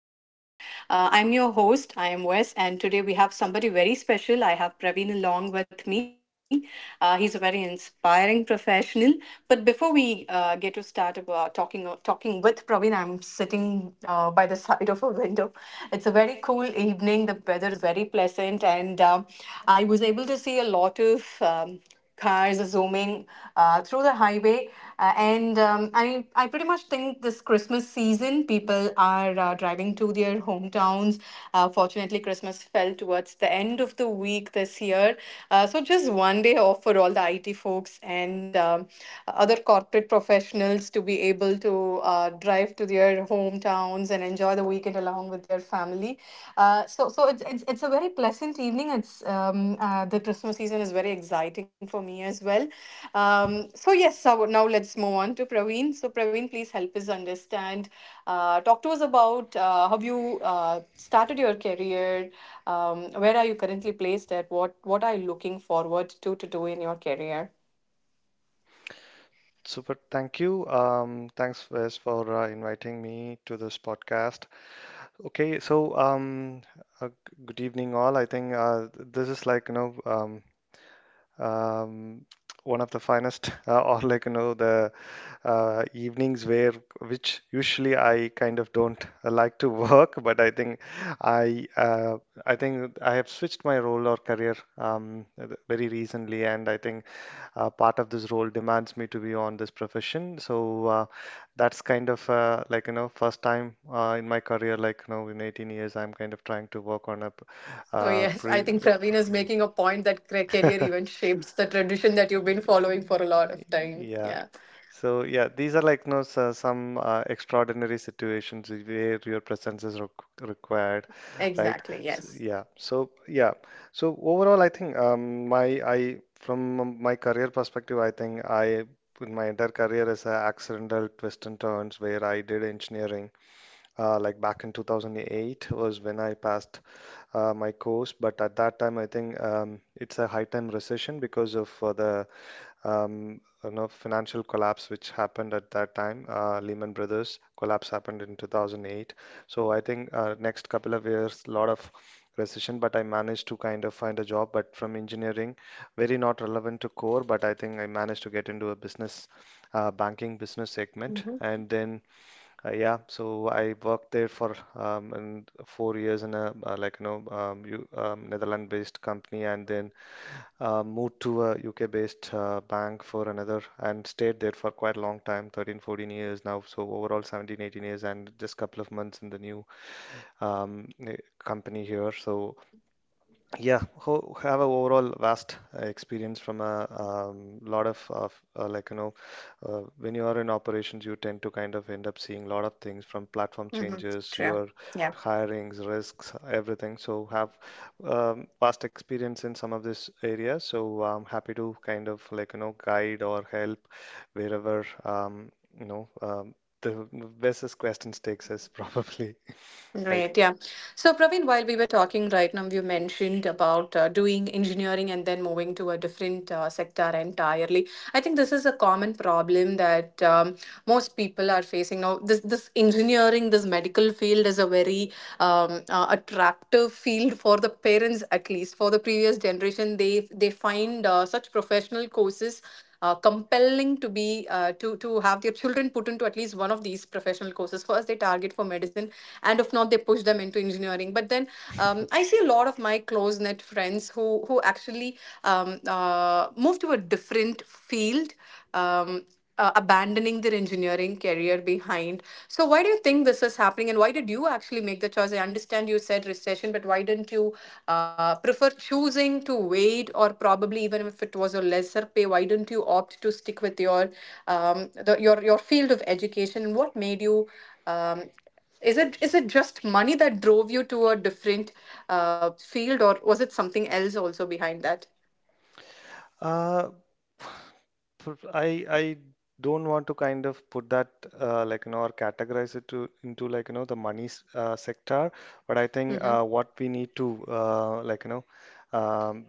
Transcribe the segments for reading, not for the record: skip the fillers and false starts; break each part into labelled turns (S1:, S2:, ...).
S1: careers. I'm your host, I am Wes, and today we have somebody very special. I have Praveen along with me. He's a very inspiring professional. But before we get to start about talking with Praveen, I'm sitting by the side of a window. It's a very cool evening. The weather is very pleasant, and I was able to see a lot of cars zooming through the highway. I pretty much think this Christmas season, people are driving to their hometowns. Fortunately, Christmas fell towards the end of the week this year. So, just 1 day off for all the IT folks and other corporate professionals to be able to drive to their hometowns and enjoy the weekend along with your family. So it's a very pleasant evening. It's the Christmas season is very exciting for me as well. So now let's move on to Praveen. So Praveen, please help us understand. Talk to us about how you started your career. Where are you currently placed at? What are you looking forward to do in your career?
S2: Super, thank you. Thanks, Wes, for inviting me to this podcast. Okay, so uh, g- good evening, all. I think this is like um, one of the finest or like the evenings where which usually I kind of don't like to work, but I think I uh, I think I have switched my role or career very recently, and I think part of this role demands me to be on this profession, so that's kind of like first time in my career, like in 18 years I'm kind of trying to work on a p-
S1: So yes, I
S2: pre
S1: think Praveen is making a point that career even shapes the tradition that you've been following for a lot of time.
S2: yeah.
S1: Yeah.
S2: So yeah, these are like some extraordinary situations where your presence is required, right?
S1: Exactly.
S2: S
S1: Yes.
S2: Yeah. So yeah. So overall, I think, my I from my career perspective, I think I in my entire career is a accidental twist and turns where I did engineering like back in 2008 was when I passed my course. But at that time, I think it's a high time recession because of the financial collapse which happened at that time. Lehman Brothers collapse happened in 2008. So I think next couple of years, a lot of recession, but I managed to kind of find a job, but from engineering, very not relevant to core, but I think I managed to get into a business, banking business segment.
S1: Hmm.
S2: And then yeah, so I worked there for in 4 years in a like Netherlands-based company, and then moved to a UK-based bank for another, and stayed there for quite a long time, 13, 14 years now. So overall, 17, 18 years, and just couple of months in the new company here. So yeah, who have a overall vast experience from a lot of like when you are in operations, you tend to kind of end up seeing a lot of things from platform
S1: Hmm.
S2: changes,
S1: True.
S2: your
S1: Yeah.
S2: hirings, risks, everything. So have vast experience in some of this area. So I'm happy to kind of like guide or help wherever you know um, the best questions takes us probably, right?
S1: Great, yeah. So, Praveen, while we were talking right now, you mentioned about doing engineering and then moving to a different sector entirely. I think this is a common problem that most people are facing now. This engineering, this medical field is a very attractive field for the parents, at least for the previous generation. They find such professional courses compelling to be to have their children put into at least one of these professional courses. First, they target for medicine, and if not, they push them into engineering, but then I see a lot of my close knit friends who actually move to a different field, um, abandoning their engineering career behind. So why do you think this is happening, and why did you actually make the choice? I understand you said recession, but why didn't you prefer choosing to wait, or probably even if it was a lesser pay, why didn't you opt to stick with your your field of education? What made you um, is it just money that drove you to a different field, or was it something else also behind that?
S2: Uh, For- I I don't want to kind of put that like or categorize it to into like the money sector, but I think
S1: Hmm.
S2: what we need to like um,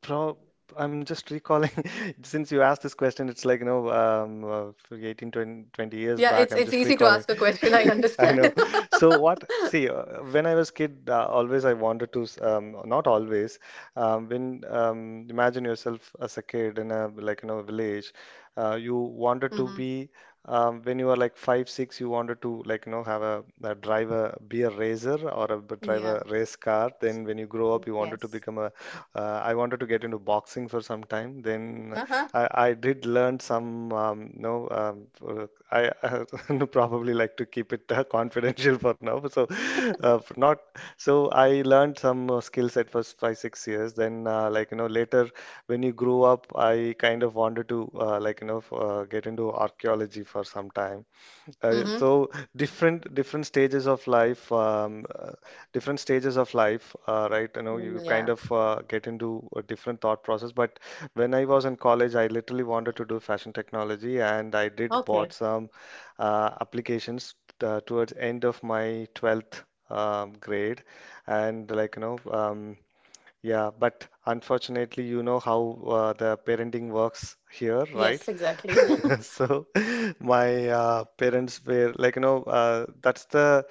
S2: Prob I'm just recalling since you asked this question. It's like, for 18, 20, 20 years
S1: Yeah,
S2: back. I'm
S1: it's
S2: just
S1: easy to
S2: recalling.
S1: ask a question. I
S2: I
S1: understand.
S2: know. So what, see, when I was kid, always I wanted to, not always, imagine yourself as a kid in a, like, village, you wanted to
S1: Hmm.
S2: be, when you were like five, six, you wanted to, like, have a drive a, be a racer drive a
S1: Yeah.
S2: race car. Then when you grow up, you wanted to
S1: Yes.
S2: become a I wanted to get into boxing for some time. Then
S1: Uh huh.
S2: I did learn some, no, I, probably like to keep it confidential for now. So, not so I learned some skills at first 5, 6 years. Then, like, later when you grew up, I kind of wanted to, like, get into archaeology for some time.
S1: Mm-hmm.
S2: So different stages of life, right? You know, you kind
S1: Yeah.
S2: of get into a different thought process. But when I was in college, I literally wanted to do fashion technology, and I did bought
S1: Okay.
S2: some applications towards end of my 12th grade, and like you know. Yeah, but unfortunately, you know how the parenting works here,
S1: Yes.
S2: right?
S1: Exactly.
S2: So my parents were like, that's the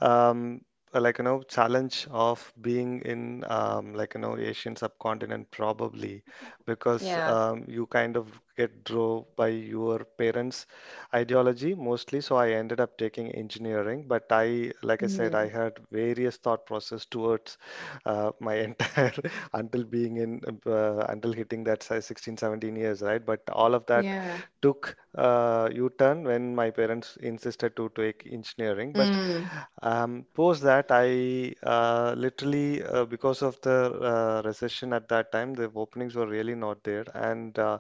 S2: um, like, challenge of being in like, Asian subcontinent probably, because
S1: Yeah.
S2: you kind of get drove by your parents' ideology mostly. So I ended up taking engineering, but I, like I said,
S1: Mm.
S2: I had various thought process towards my entire until being in until hitting that size 16 17 years, right? But all of that
S1: Yeah.
S2: took u-turn when my parents insisted to take engineering, but
S1: Mm.
S2: post that I literally because of the recession at that time, the openings were really not there. And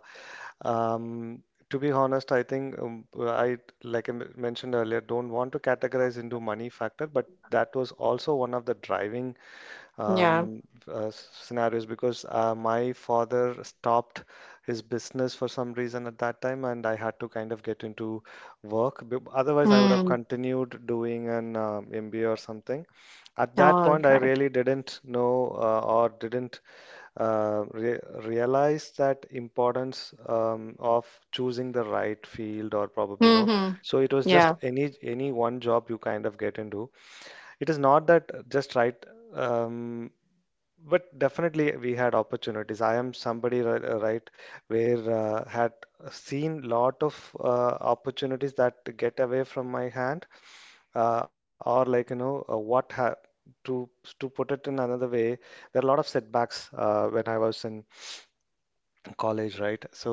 S2: um, to be honest, I think, I like I mentioned earlier, don't want to categorize into money factor, but that was also one of the driving
S1: Yeah.
S2: um, scenarios, because my father stopped his business for some reason at that time, and I had to kind of get into work. Otherwise, I would have
S1: Mm.
S2: continued doing an MBA or something. At that
S1: All
S2: point, I
S1: right.
S2: really didn't know or didn't re realize that importance of choosing the right field, or probably no.
S1: Mm-hmm.
S2: So it was just
S1: Yeah.
S2: any one job you kind of get into. It is not that just, right. Um, but definitely we had opportunities. I am somebody right where had seen lot of opportunities that get away from my hand, or like you know what ha to to put it in another way, there are a lot of setbacks when I was in college, right? So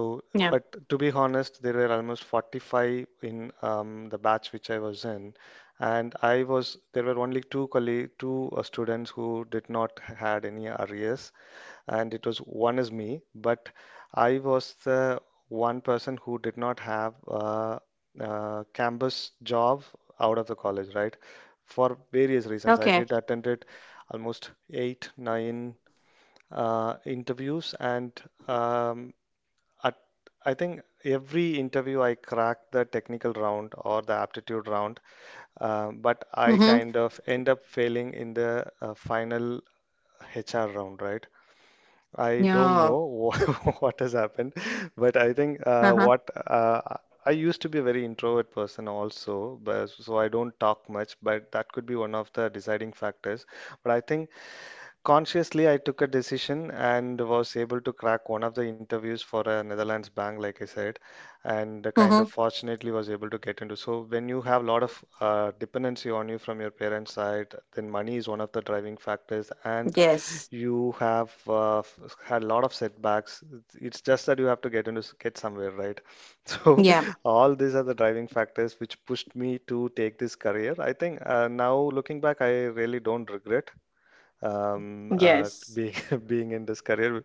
S2: but to
S1: Yeah.
S2: be honest, there were almost 45 in the batch which I was in, and I was there were only two students who did not had any arrears, and it was one is me. But I was the one person who did not have a campus job out of the college, right? For various reasons, I
S1: Okay.
S2: did attended almost eight, nine interviews, and um, at, I think every interview I cracked the technical round or the aptitude round, but I kind
S1: Mm-hmm.
S2: of end up failing in the final HR round, right? I don't
S1: Yeah.
S2: know what has happened, but I think
S1: Uh
S2: what
S1: huh.
S2: I used to be a very introvert person also, but so I don't talk much, but that could be one of the deciding factors. But I think, consciously, I took a decision and was able to crack one of the interviews for a Netherlands bank, like I said, and kind of
S1: Mm-hmm.
S2: fortunately was able to get into. So when you have a lot of dependency on you from your parents' side, then money is one of the driving factors, and
S1: Yes.
S2: you have had a lot of setbacks. It's just that you have to get into get somewhere, right? So
S1: Yeah.
S2: all these are the driving factors which pushed me to take this career. I think, now looking back, I really don't regret
S1: Yes.
S2: being being in this career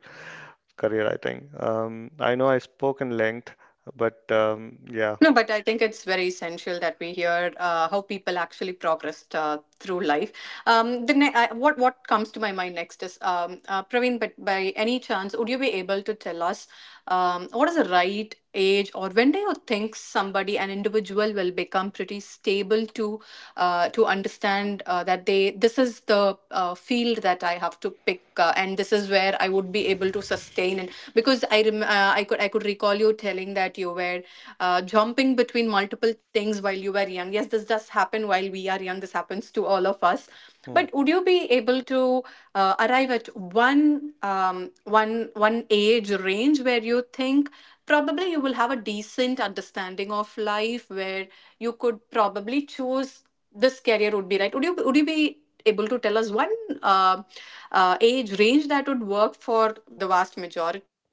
S2: career, I think. I know I spoke in length, but yeah.
S1: No, but I think it's very essential that we hear how people actually progressed through life. What comes to my mind next is Praveen. But by any chance, would you be able to tell us what is the right age, or when do you think somebody, an individual, will become pretty stable to understand that they this is the field that I have to pick, and this is where I would be able to sustain? And because I I could recall you telling that you were jumping between multiple things while you were young. Yes, this does happen while we are young. This happens to all of us.
S2: Hmm.
S1: But would you be able to arrive at one one age range where you think probably you will have a decent understanding of life, where you could probably choose this career would be right? Would you be able to tell us one uh, age range that would work for the vast majority?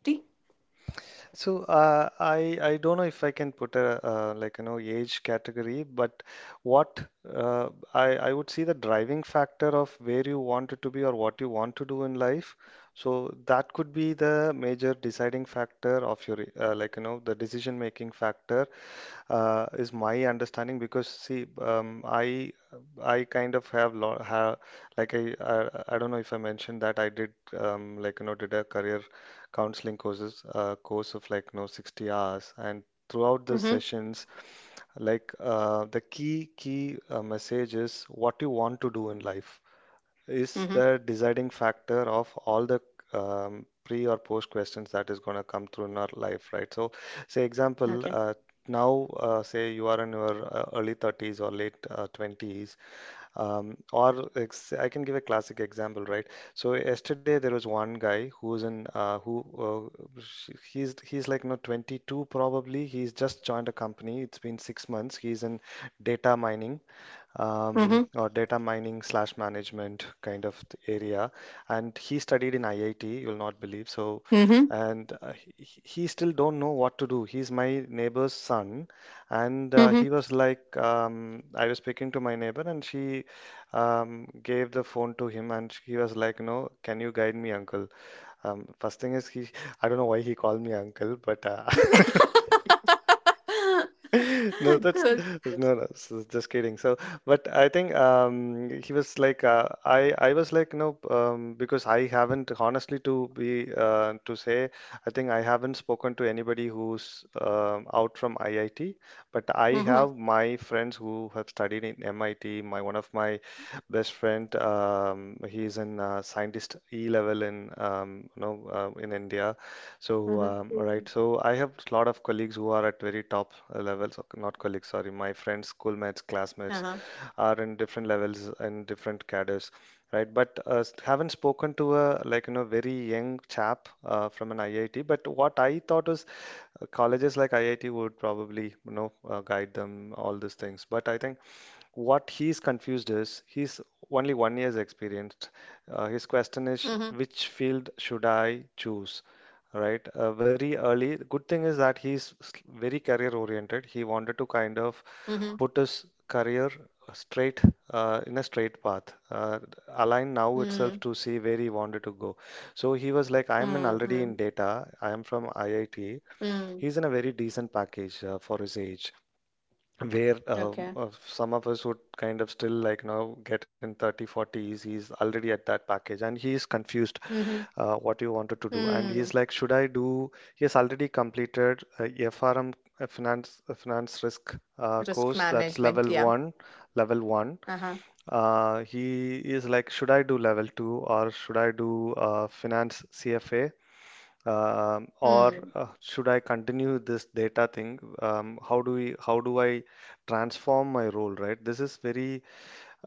S2: So I don't know if I can put a like age category, but what I would see the driving factor of where you want it to be or what you want to do in life. So that could be the major deciding factor of your like the decision making factor, is my understanding because see, I kind of have lo ha like I don't know if I mentioned that I did like did a career counseling course of like 60 hours, and throughout the
S1: Mm-hmm.
S2: sessions like the key message is what you want to do in life, is
S1: Mm-hmm.
S2: the deciding factor of all the pre or post questions that is going to come through in our life, right? So, say example,
S1: Okay.
S2: now say you are in your early 30s or late 20s, or ex I can give a classic example, right? So yesterday there was one guy who he's like, no, 22 probably. He's just joined a company. It's been 6 months. He's in data mining
S1: Mm-hmm.
S2: data mining slash management kind of area. And he studied in IIT, you'll not believe. So,
S1: Mm-hmm.
S2: and he still don't know what to do. He's my neighbor's son, and I was speaking to my neighbor, and she gave the phone to him and he was like, "No, can you guide me, uncle? First thing is I don't know why he called me uncle, but No, that's
S1: Good.
S2: no, no. So just kidding. But I think he was like I was like because I haven't honestly to be to say. I think I haven't spoken to anybody who's out from IIT, but I
S1: Mhm.
S2: have my friends who have studied in MIT. My one of my best friend he is in scientist E level in in India.
S1: Mhm.
S2: All right. So I have a lot of colleagues who are at very top levels, okay, not colleagues, sorry, my friends, schoolmates, classmates
S1: Uh-huh.
S2: are in different levels and different cadres, right? But haven't spoken to a like you know very young chap from an IIT. But what I thought is colleges like IIT would probably you know guide them all these things. But I think what he's confused is he's only 1 year's experienced. His question
S1: Mhm.
S2: is, which field should I choose? Right, very early. The good thing is that he's very career oriented. He wanted to kind
S1: Mhm.
S2: of put his career straight in a straight path, align
S1: Mm.
S2: now itself to see where he wanted to go. So he
S1: Mm.
S2: was like,
S1: Mm.
S2: I'm in already in data. I am from IIT.
S1: Mm.
S2: He's in a very decent package for his age where
S1: Okay.
S2: some of us would kind of still like now get in 30 40s, he's already at that package and he is confused
S1: Mhm.
S2: what you wanted to do,
S1: Mm.
S2: and he's like, should I do, he has already completed a FRM, finance a finance risk
S1: Risk
S2: course,
S1: management.
S2: that's
S1: Yeah.
S2: level one, level one.
S1: Uh-huh.
S2: He is like, should I do level two or should I do finance CFA,
S1: Mm.
S2: or should I continue this data thing? How do how do I transform my role, right? This is very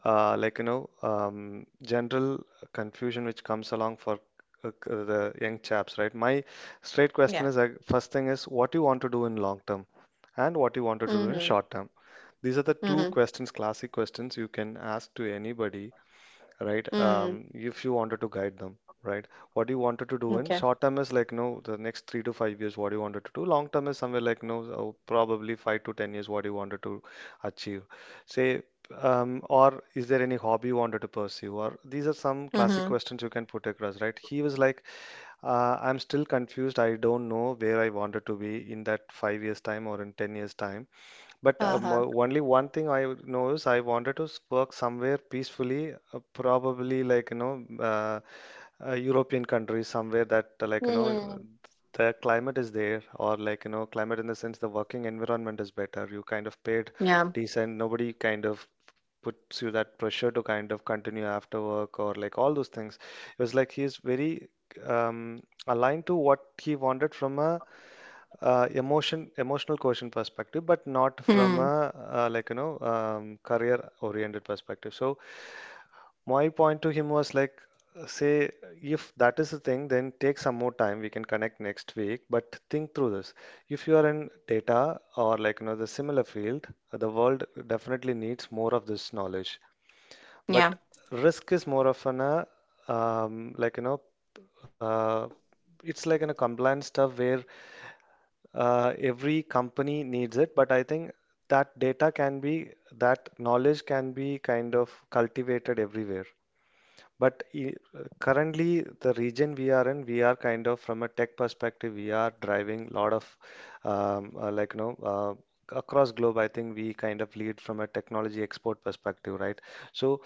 S2: general confusion which comes along for the young chaps, right? My straight
S1: Yeah.
S2: question is, like, first thing is, what you want to do in long term, and what you wanted to do
S1: Mhm.
S2: in short term. These are the
S1: Mhm.
S2: two questions, classic questions you can ask to anybody, right?
S1: Mm.
S2: If you wanted to guide them, right? What you wanted to do in
S1: Okay.
S2: short term is, like, you know, the next 3 to 5 years, what you wanted to do. Long term is somewhere like, you know, probably 5 to 10 years, what you wanted to achieve. Say, or is there any hobby you wanted to pursue? Or these are some classic
S1: Mhm.
S2: questions you can put across, right? He was like, I'm still confused. I don't know where I wanted to be in that 5 years time or in 10 years time. But
S1: Uh-huh.
S2: only one thing I know is, I wanted to work somewhere peacefully, probably like you know, a European country somewhere that like you know,
S1: Mm.
S2: the climate is there, or like you know, climate in the sense the working environment is better. You kind of paid
S1: Yeah.
S2: decent, nobody kind of puts you that pressure to kind of continue after work or like all those things. It was like, he's very um, aligned to what he wanted from a emotional quotient perspective, but not from a
S1: Mm.
S2: like you know career oriented perspective. So my point to him was like, say, if that is the thing then take some more time, we can connect next week, but think through this. If you are in data or like you know the similar field, the world definitely needs more of this knowledge.
S1: Yeah.
S2: But risk is more of an like you know uh, it's like in a compliance stuff where every company needs it. But I think that data can be, that knowledge can be kind of cultivated everywhere. But currently, the region we are in, we are kind of from a tech perspective, we are driving a lot of um, uh, like you know uh, across globe, I think we kind of lead from a technology export perspective, right? So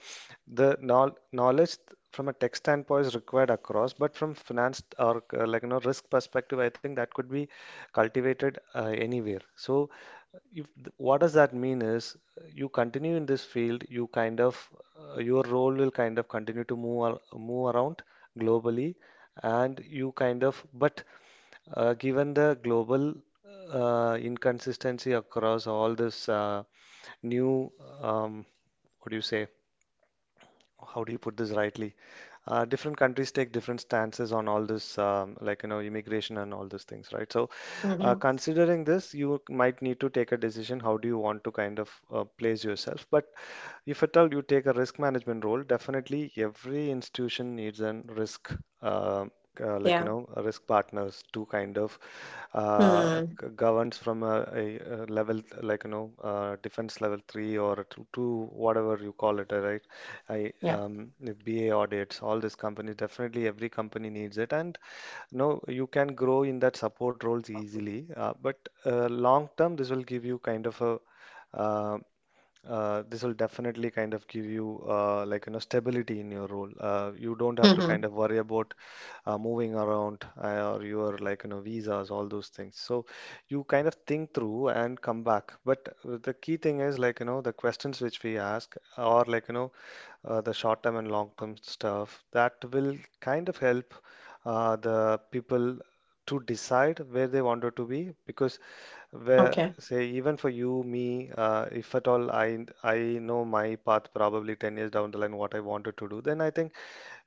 S2: the knowledge from a tech standpoint is required across, but from finance or like you know risk perspective, I think that could be cultivated anywhere. So if what does that mean is, you continue in this field, you kind of, your role will kind of continue to move around globally, and you kind of, but given the global inconsistency across all this new um, what do you say? How do you put this rightly? Different countries take different stances on all this, like you know, immigration and all these things, right? So
S1: Mhm.
S2: considering this, you might need to take a decision, how do you want to kind of place yourself. But if at all you take a risk management role, definitely every institution needs an uh, like you
S1: Yeah.
S2: know, risk partners to kind of uh,
S1: Mm.
S2: governs from a level like you know, defense level three or to whatever you call it, right? I
S1: Yeah.
S2: The BA audits, all these companies, definitely every company needs it, and no, you can grow in that support roles easily, but long term, this will give you kind of a uh, this will definitely kind of give you like you know stability in your role. You don't have to kind of
S1: Mhm.
S2: worry about moving around or your like you know visas, all those things. So you kind of think through and come back. But the key thing is like you know the questions which we ask or like you know the short term and long term stuff that will kind of help the people to decide where they wanted to be. Because where,
S1: Okay.
S2: say, even for you, me, if at all I know my path probably 10 years down the line what I wanted to do, then I think,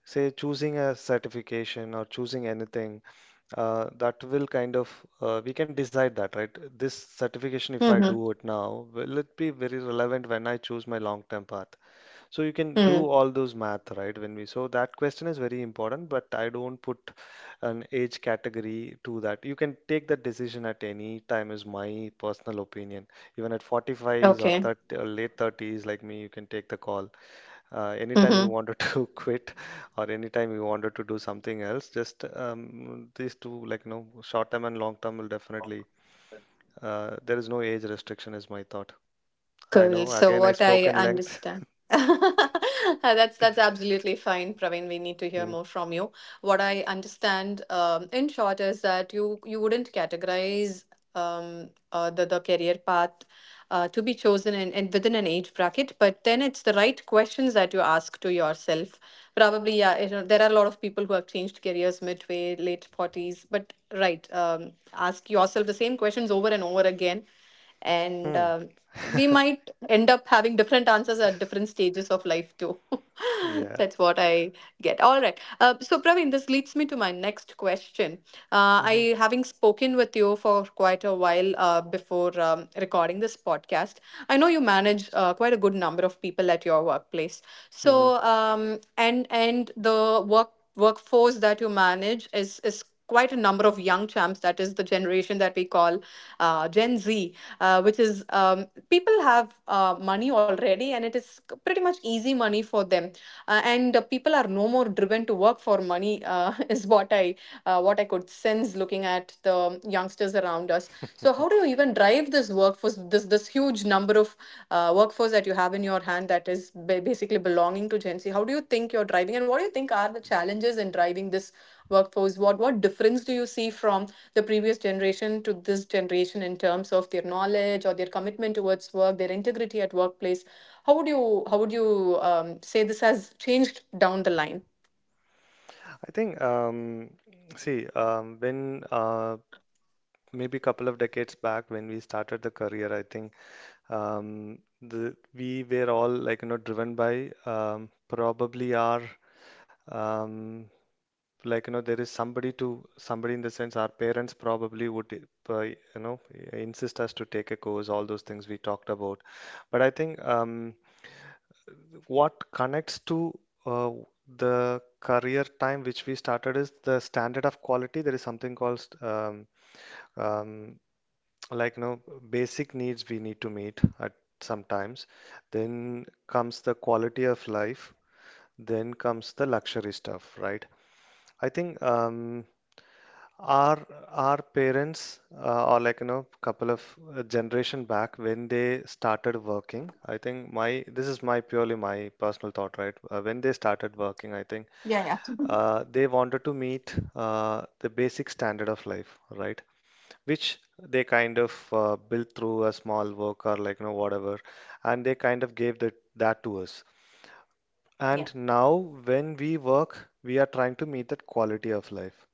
S2: say, choosing a certification or choosing anything that will kind of we can decide that, right? This certification, if I
S1: Mhm.
S2: do it now, will it be very relevant when I choose my long-term path? So you can
S1: Mm.
S2: do all those math, right? When we So that question is very important, but I don't put an age category to that. You can take that decision at any time, is my personal opinion. Even at 45s or
S1: Okay.
S2: 30, or late 30s, like me, you can take the call. Anytime you
S1: Mhm.
S2: wanted to quit or anytime you wanted to do something else, just these two, like, you know, short term and long term will definitely, there is no age restriction, is my thought. I
S1: Cool.
S2: know,
S1: So
S2: again, I
S1: what
S2: spoke
S1: I
S2: in length.
S1: understand. That's absolutely fine, Praveen. We need to hear
S2: Hmm.
S1: more from you. What I understand, in short, is that you wouldn't categorize the career path to be chosen in within an age bracket, but then it's the right questions that you ask to yourself. Probably, yeah, you know, there are a lot of people who have changed careers midway, late 40s, but right, ask yourself the same questions over and over again and
S2: Hmm.
S1: we might end up having different answers at different stages of life too.
S2: Yeah.
S1: That's what I get. All right, so Praveen, this leads me to my next question.
S2: Mhm.
S1: I Having spoken with you for quite a while before recording this podcast, I know you manage quite a good number of people at your workplace.
S2: Hmm.
S1: So and the workforce that you manage is quite a number of young champs. That is the generation that we call Gen Z, which is people have money already, and it is pretty much easy money for them, and people are no more driven to work for money, is what I what I could sense looking at the youngsters around us. So how do you even drive this workforce, this huge number of workforce that you have in your hand that is basically belonging to Gen Z? How do you think you're driving, and what do you think are the challenges in driving this workforce? What difference do you see from the previous generation to this generation in terms of their knowledge or their commitment towards work, their integrity at workplace? How would you say this has changed down the line?
S2: I think, see, when maybe a couple of decades back when we started the career, I think we were all like, you know, driven by probably um, like, you know, there is somebody somebody in the sense, our parents probably would, you know, insist us to take a course, all those things we talked about. But I think, what connects to uh, the career time which we started is the standard of quality. There is something called um, like you know basic needs we need to meet at sometimes. Then comes the quality of life. Then comes the luxury stuff, right? I think our our parents or like you know couple of generation back when they started working, I think, my, this is my purely my personal thought, right? When they started
S1: Yeah,
S2: working,
S1: yeah,
S2: I think they wanted to meet the basic standard of life, right, which they kind of built through a small work or like you know whatever, and they kind of gave that to us.
S1: yeah.
S2: And now when we work, we are trying to meet that quality of life,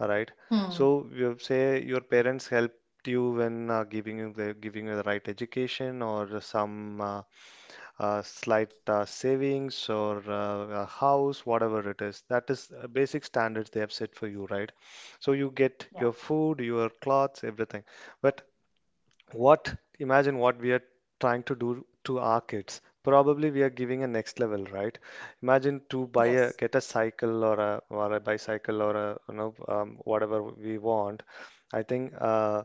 S2: all right.
S1: Hmm.
S2: So you say your parents helped you when giving you the right education or some slight savings or a house, whatever it is. That is basic standards they have set for you, right? So you
S1: Yeah.
S2: get your food, your clothes, everything. But what imagine what we are trying to do to our kids. Probably we are giving a next level, right? Imagine to buy
S1: Yes.
S2: a get a cycle or a bicycle or a whatever we want. I think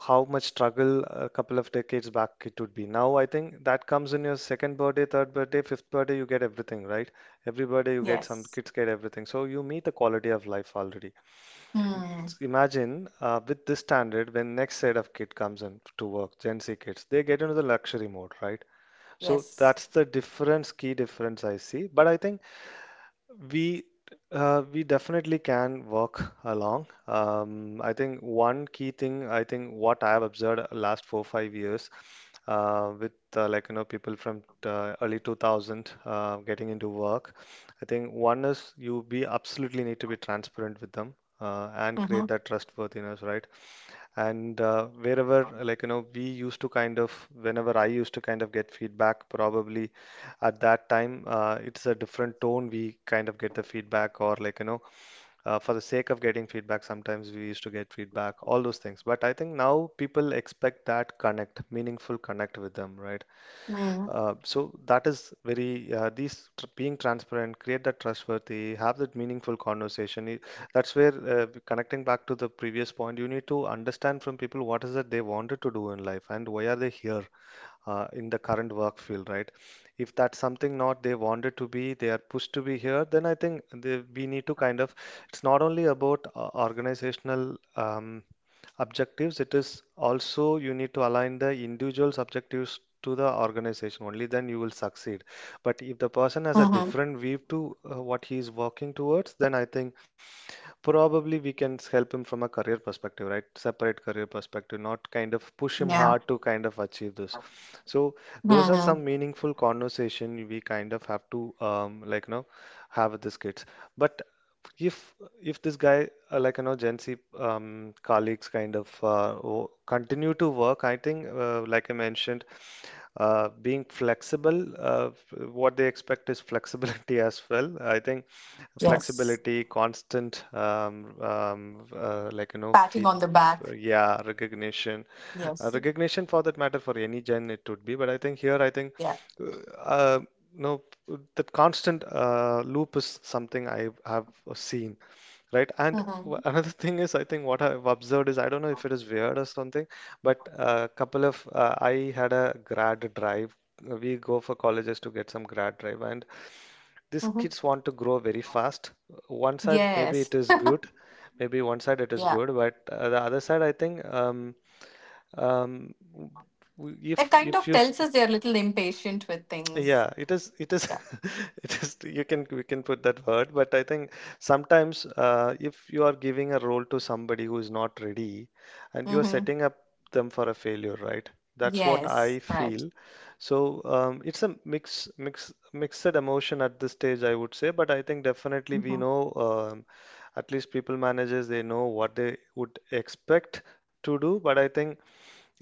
S2: How much struggle a couple of decades back it would be. Now I think that comes in your second birthday, third birthday, fifth birthday, you get everything, right? Every birthday you get some,
S1: Yes.
S2: kids get everything, so you meet the quality of life already.
S1: Hmm.
S2: Imagine with this standard, when next set of kid comes in to work, Gen Z kids, they get into the luxury mode, right? So
S1: Yes.
S2: that's the difference, key difference I see. But I think we we definitely can work along. I think one key thing, I think, what I have observed last 4 5 years with people from early 2000 getting into work. I think one is you be absolutely need to be transparent with them and create
S1: Mm-hmm.
S2: that trustworthiness, right? And Wherever, we used to kind of, whenever I used to kind of get feedback, probably at that time, it's a different tone we kind of get the feedback, or for the sake of getting feedback, sometimes we used to get feedback, all those things. But I think now people expect that connect, meaningful connect with them, right?
S1: Mm.
S2: So that is very these tr being transparent, create that trustworthy, have that meaningful conversation. That's where, connecting back to the previous point, you need to understand from people what is it they wanted to do in life and why are they here in the current work field, right? If that's something not they wanted to be, they are pushed to be here, then I think we need to kind of, it's not only about organizational objectives, it is also you need to align the individual's objectives to the organization. Only then you will succeed. But if the person
S1: Mm-hmm.
S2: has a different view to what he is working towards, then I think probably we can help him from a career perspective, right? Separate career perspective, not kind of push
S1: Yeah.
S2: him hard to kind of achieve this. So those
S1: Mm-hmm.
S2: are some meaningful conversation we kind of have to have with these kids. But if if this guy, Gen Z colleagues, kind of continue to work, I think, like I mentioned, being flexible, what they expect is flexibility as well. I think
S1: Yes.
S2: flexibility, constant
S1: Patting on the back.
S2: yeah, recognition.
S1: Yes.
S2: Recognition, for that matter, for any gen it would be, but I think here, I think
S1: Yeah.
S2: uh, uh, no that constant loop is something I have seen. Right.
S1: Mm-hmm.
S2: Another thing is, I think what I've observed is, I don't know if it is weird or something, but a couple of, I had a grad drive. We go for colleges to get some grad drive, and these
S1: Mm-hmm.
S2: kids want to grow very fast. One side, maybe it
S1: Yes.
S2: is good,
S1: Yeah.
S2: but the other side, I think, um, w-
S1: It kind
S2: if
S1: of
S2: you s-
S1: tells us they're a little impatient with things.
S2: yeah, it is. It is.
S1: Yeah.
S2: It is. You can We can put that word, but I think sometimes, if you are giving a role to somebody who is not ready, and you are
S1: Mm-hmm.
S2: setting up them for a failure, right? That's what I
S1: Yes, right.
S2: feel. So, it's a mixed emotion at this stage, I would say. But I think definitely
S1: Hmm.
S2: we know, um, at least people managers, they know what they would expect to do. But I think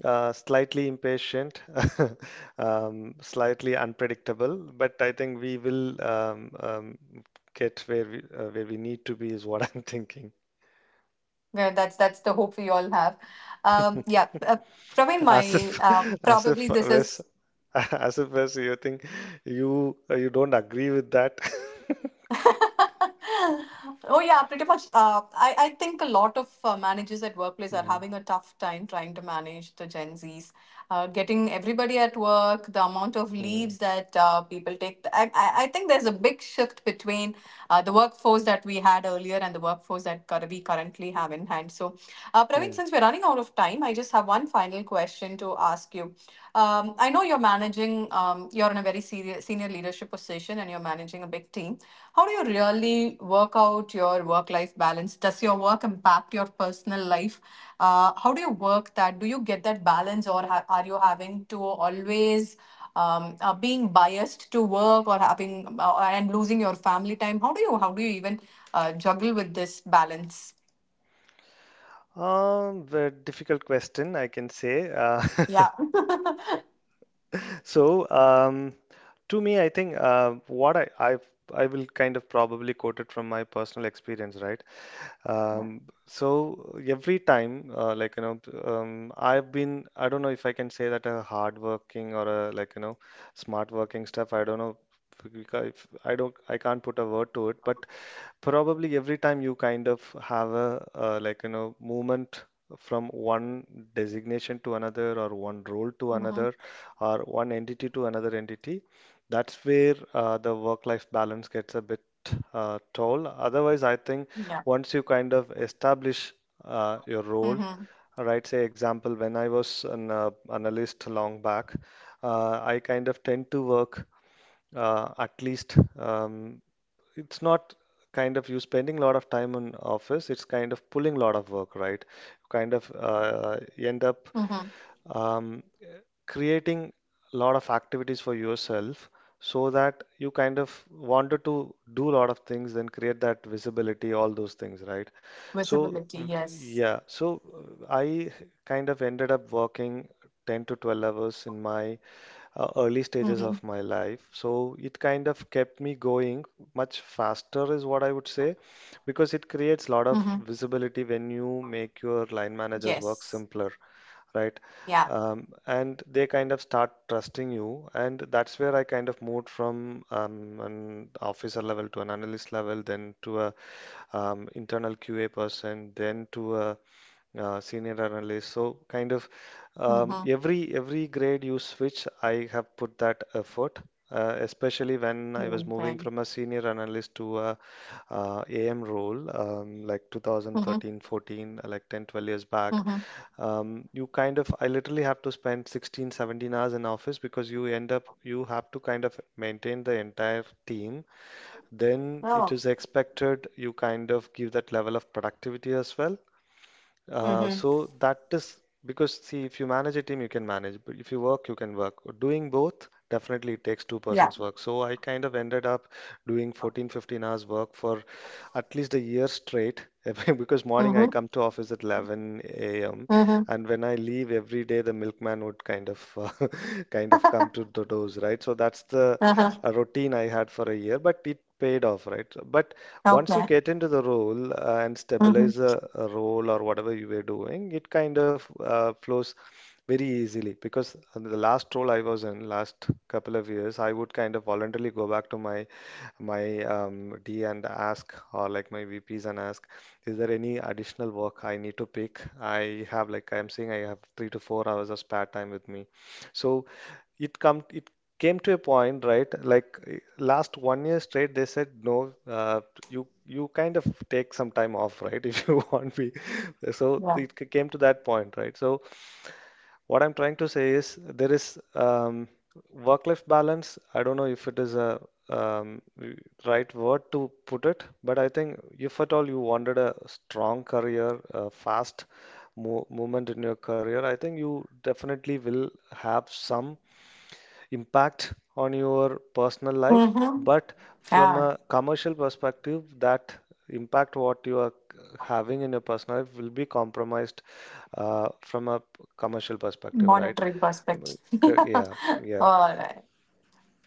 S2: slightly impatient, slightly unpredictable, but I think we will get where we need to be is what I'm thinking.
S1: Yeah, that's the hope we all have. Yeah, Praveen,
S2: As
S1: my
S2: if, as if,
S1: probably this
S2: Wes,
S1: is
S2: as if, Wes, you think you don't agree with that.
S1: Oh yeah, pretty much. I think a lot of managers at workplace are
S2: Mhm,
S1: having a tough time trying to manage the Gen Zs, getting everybody at work, the amount of
S2: mhm,
S1: leaves that people take. I think there's a big shift between the workforce that we had earlier and the workforce that we currently have in hand. So, Praveen,
S2: mhm.
S1: since we're running out of time, I just have one final question to ask you. I know you're managing. You're in a very senior leadership position, and you're managing a big team. How do you really work out your work life balance? Does your work impact your personal life? How do you work that? Do you get that balance, or are you having to always being biased to work or having and losing your family time? How do you even juggle with this balance?
S2: Very difficult question, I can say.
S1: Yeah.
S2: So, to me, I think, what I will kind of probably quote it from my personal experience, right?
S1: Yeah.
S2: So every time, I've been, I don't know if I can say that a hard working or a like you know, smart working stuff. I don't know if, we ca- if I don't, I can't put a word to it, but probably every time you kind of have a movement from one designation to another, or one role to
S1: Mm-hmm.
S2: another, or one entity to another entity, that's where the work life balance gets a bit toll. Otherwise, I think
S1: Yeah.
S2: once you kind of establish your
S1: Mm-hmm.
S2: role, right? Say example, when I was an analyst long back, I kind of tend to work, at least it's not kind of you spending a lot of time in office, it's kind of pulling a lot of work, right? Kind of
S1: Mm-hmm.
S2: end up um, creating a lot of activities for yourself, so that you kind of wanted to do a lot of things, then create that visibility, all those things,
S1: Visibility.
S2: right?
S1: Yes.
S2: So uh, I kind of ended up working 10 to 12 hours in my
S1: Mm-hmm.
S2: early stages of my life. So it kind of kept me going much faster, is what I would say, because it
S1: Mm-hmm.
S2: creates a lot of visibility when you make your line
S1: Yes.
S2: managers work simpler,
S1: Yeah.
S2: right? And they kind of start trusting you, and that's where I kind of moved from an officer level to an analyst level, then to a internal QA person, then to a senior analyst. So kind of,
S1: Mm-hmm.
S2: every grade you switch, I have put that effort, especially when I
S1: Okay.
S2: was moving from a senior analyst to a AM role, like
S1: Mm-hmm.
S2: 2013, 14, like 10, 12 years
S1: Mm-hmm.
S2: back. You kind of, I literally have to spend 16, 17 hours in office, because you end up, you have to kind of maintain the entire team. Then
S1: Oh.
S2: it is expected you kind of give that level of productivity as well.
S1: Mm-hmm.
S2: So that is because, see, if you manage a team, you can manage, but if you work, you can work. Doing both, definitely it takes two
S1: Yeah.
S2: persons work. So I kind of ended up doing 14, 15 hours work for at least a year straight, because morning I
S1: Mm-hmm.
S2: come to office at 11 a.m.
S1: Mm-hmm.
S2: and when I leave every day, the milkman would kind of kind of come to the doors, right? So that's the
S1: Uh-huh.
S2: routine I had for a year, but it paid off, right? But once you
S1: Okay.
S2: get into the role, and
S1: Mm-hmm.
S2: stabilize a role or whatever you were doing, it kind of flows very easily, because the last role I was in last couple of years, I would kind of voluntarily go back to my D and ask, or like my VPs and ask, is there any additional work I need to pick? I have, like I'm saying, I have 3 to 4 hours of spare time with me. So it come it came to a point, right? Like, last one year straight they said, no, you, you kind of take some time off, right? If you want to be. So
S1: Yeah.
S2: it came to that point, right? So what I'm trying to say is, there is work life balance, I don't know if it is a um, w- right word to put it, but I think if at all you wanted a strong career, a fast mo movement in your career, I think you definitely will have some impact on your personal life,
S1: Mm-hmm.
S2: but from
S1: Yeah.
S2: a commercial perspective, that impact what you are having in your personal life will be compromised uh, from a p- commercial perspective, right?
S1: Monetary perspective.
S2: Mm, Yeah, yeah.
S1: All right.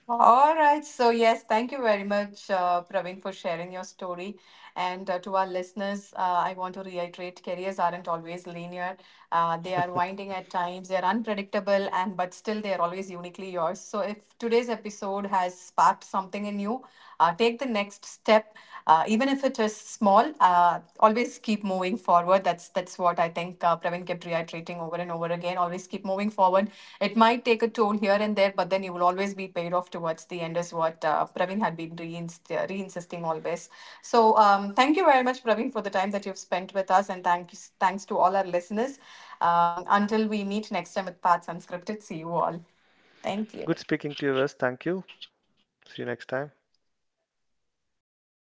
S1: All right. So, yes, thank you very much, Praveen, for sharing your story. And to our listeners, I want to reiterate careers aren't always linear. They are winding at times, they are unpredictable, and but still they are always uniquely yours. So, if today's episode has sparked something in you, take the next step, even if it is small. Always keep moving forward. That's what I think Praveen kept reiterating over and over again. Always keep moving forward. It might take a toll here and there, but then you will always be paid off towards the end, is what Praveen had been insisting always. So, thank you very much, Praveen, for the time that you've spent with us, and thanks to all our listeners. Until we meet next time with Paths Unscripted, see you all. Thank
S2: Good
S1: you.
S2: speaking to you, Wes. Thank you. See you next time.